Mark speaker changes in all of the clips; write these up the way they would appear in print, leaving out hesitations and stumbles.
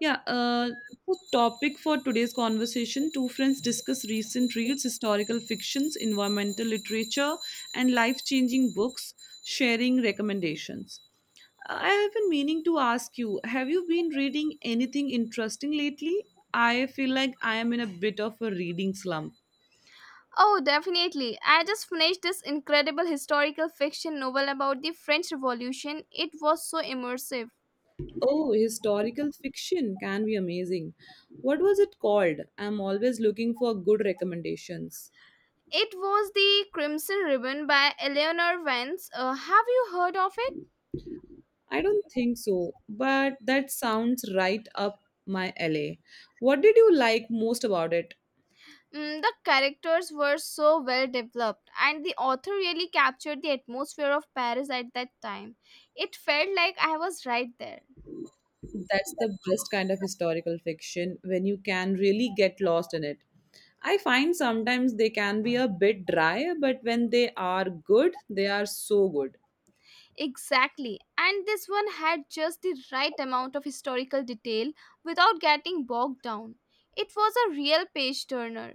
Speaker 1: Yeah, uh, the topic for today's conversation: two friends discuss recent reads, historical fictions, environmental literature, and life changing books, sharing recommendations. I have been meaning to ask you, have you been reading anything interesting lately? I feel like I am in a bit of a reading slump.
Speaker 2: Oh, definitely. I just finished this incredible historical fiction novel about the French Revolution. It was so immersive.
Speaker 1: Oh, historical fiction can be amazing. What was it called? I'm always looking for good recommendations.
Speaker 2: It was The Crimson Ribbon by Eleanor Vance. Have you heard of it?
Speaker 1: I don't think so, but that sounds right up my alley. What did you like most about it?
Speaker 2: The characters were so well developed, and the author really captured the atmosphere of Paris at that time. It felt like I was right there.
Speaker 1: That's the best kind of historical fiction, when you can really get lost in it. I find sometimes they can be a bit dry, but when they are good, they are so good.
Speaker 2: Exactly. And this one had just the right amount of historical detail without getting bogged down. It was a real page turner.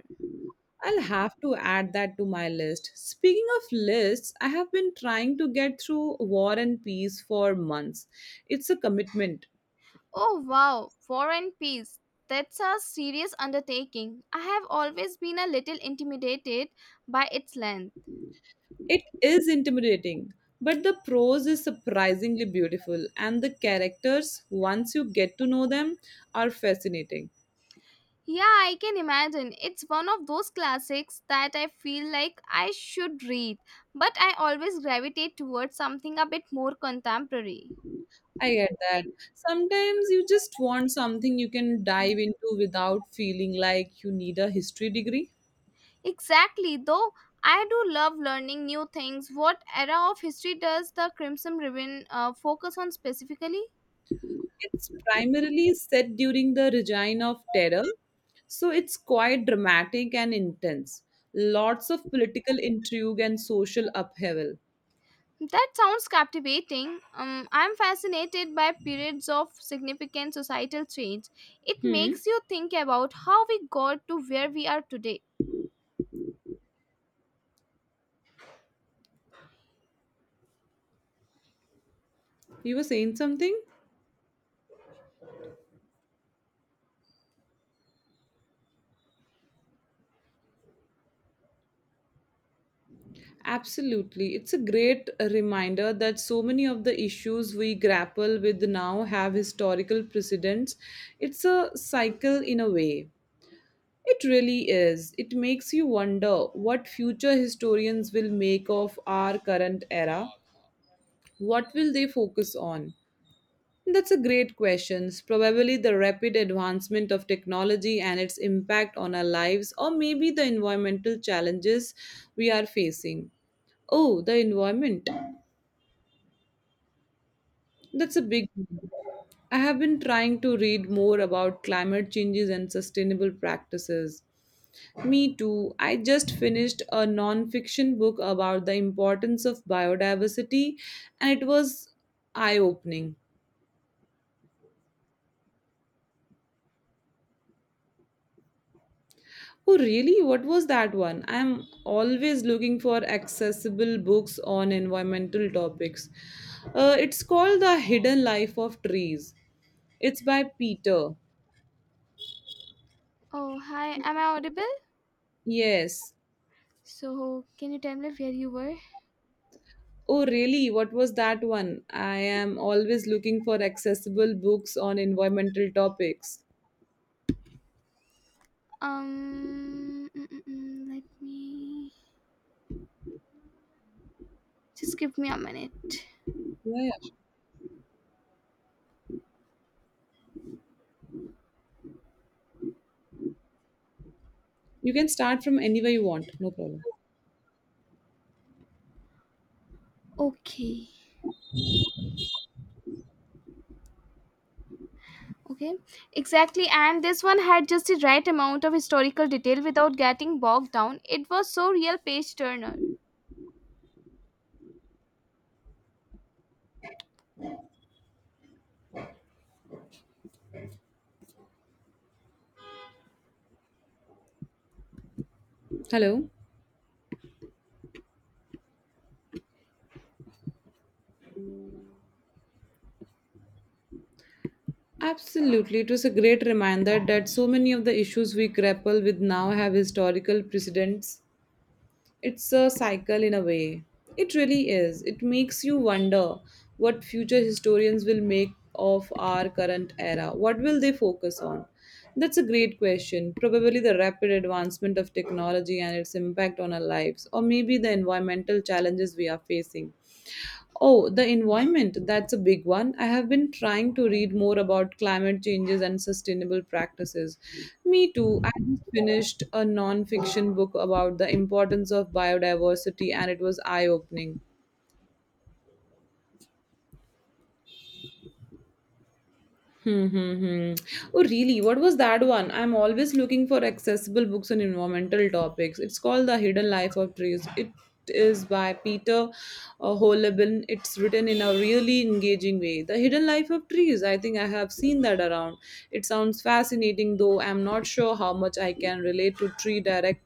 Speaker 1: I'll have to add that to my list. Speaking of lists, I have been trying to get through War and Peace for months. It's a commitment.
Speaker 2: Oh wow, War and Peace. That's a serious undertaking. I have always been a little intimidated by its length.
Speaker 1: It is intimidating, but the prose is surprisingly beautiful, and the characters, once you get to know them, are fascinating.
Speaker 2: Yeah, I can imagine. It's one of those classics that I feel like I should read, but I always gravitate towards something a bit more contemporary.
Speaker 1: I get that. Sometimes you just want something you can dive into without feeling like you need a history degree.
Speaker 2: Exactly, though I do love learning new things. What era of history does the Crimson Ribbon focus on specifically?
Speaker 1: It's primarily set during the Regime of Terror, so it's quite dramatic and intense. Lots of political intrigue and social upheaval.
Speaker 2: That sounds captivating. I'm fascinated by periods of significant societal change. It makes you think about how we got to where we are today.
Speaker 1: You were saying something? Absolutely. It's a great reminder that so many of the issues we grapple with now have historical precedents. It's a cycle in a way. It really is. It makes you wonder what future historians will make of our current era. What will they focus on? That's a great question. Probably the rapid advancement of technology and its impact on our lives, or maybe the environmental challenges we are facing. Oh, the environment. That's a big one. I have been trying to read more about climate changes and sustainable practices. Me too. I just finished a non fiction book about the importance of biodiversity, and it was eye opening. Oh, really? What was that one? I'm always looking for accessible books on environmental topics. It's called The Hidden Life of Trees. It's by Peter.
Speaker 2: Oh, hi. Am I audible?
Speaker 1: Yes.
Speaker 2: So, can you tell me where you were?
Speaker 1: Oh, really? What was that one? I am always looking for accessible books on environmental topics.
Speaker 2: Let me just give me a minute.
Speaker 1: Yeah, yeah. You can start from anywhere you want. No problem.
Speaker 2: Okay. Okay. Exactly. And this one had just the right amount of historical detail without getting bogged down. It was so real page turner.
Speaker 1: Hello. Absolutely. It was a great reminder that so many of the issues we grapple with now have historical precedents. It's a cycle in a way. It really is. It makes you wonder what future historians will make of our current era. What will they focus on? That's a great question. Probably the rapid advancement of technology and its impact on our lives, or maybe the environmental challenges we are facing. Oh, the environment, that's a big one. I have been trying to read more about climate changes and sustainable practices. Me too. I just finished a non fiction book about the importance of biodiversity, and it was eye opening. Hmm, hmm, hmm. Oh, really? What was that one? I'm always looking for accessible books on environmental topics. It's called The Hidden Life of Trees. It is by Peter, Holeben. It's written in a really engaging way. The Hidden Life of Trees. I think I have seen that around. It sounds fascinating, though I'm not sure how much I can relate to tree directly.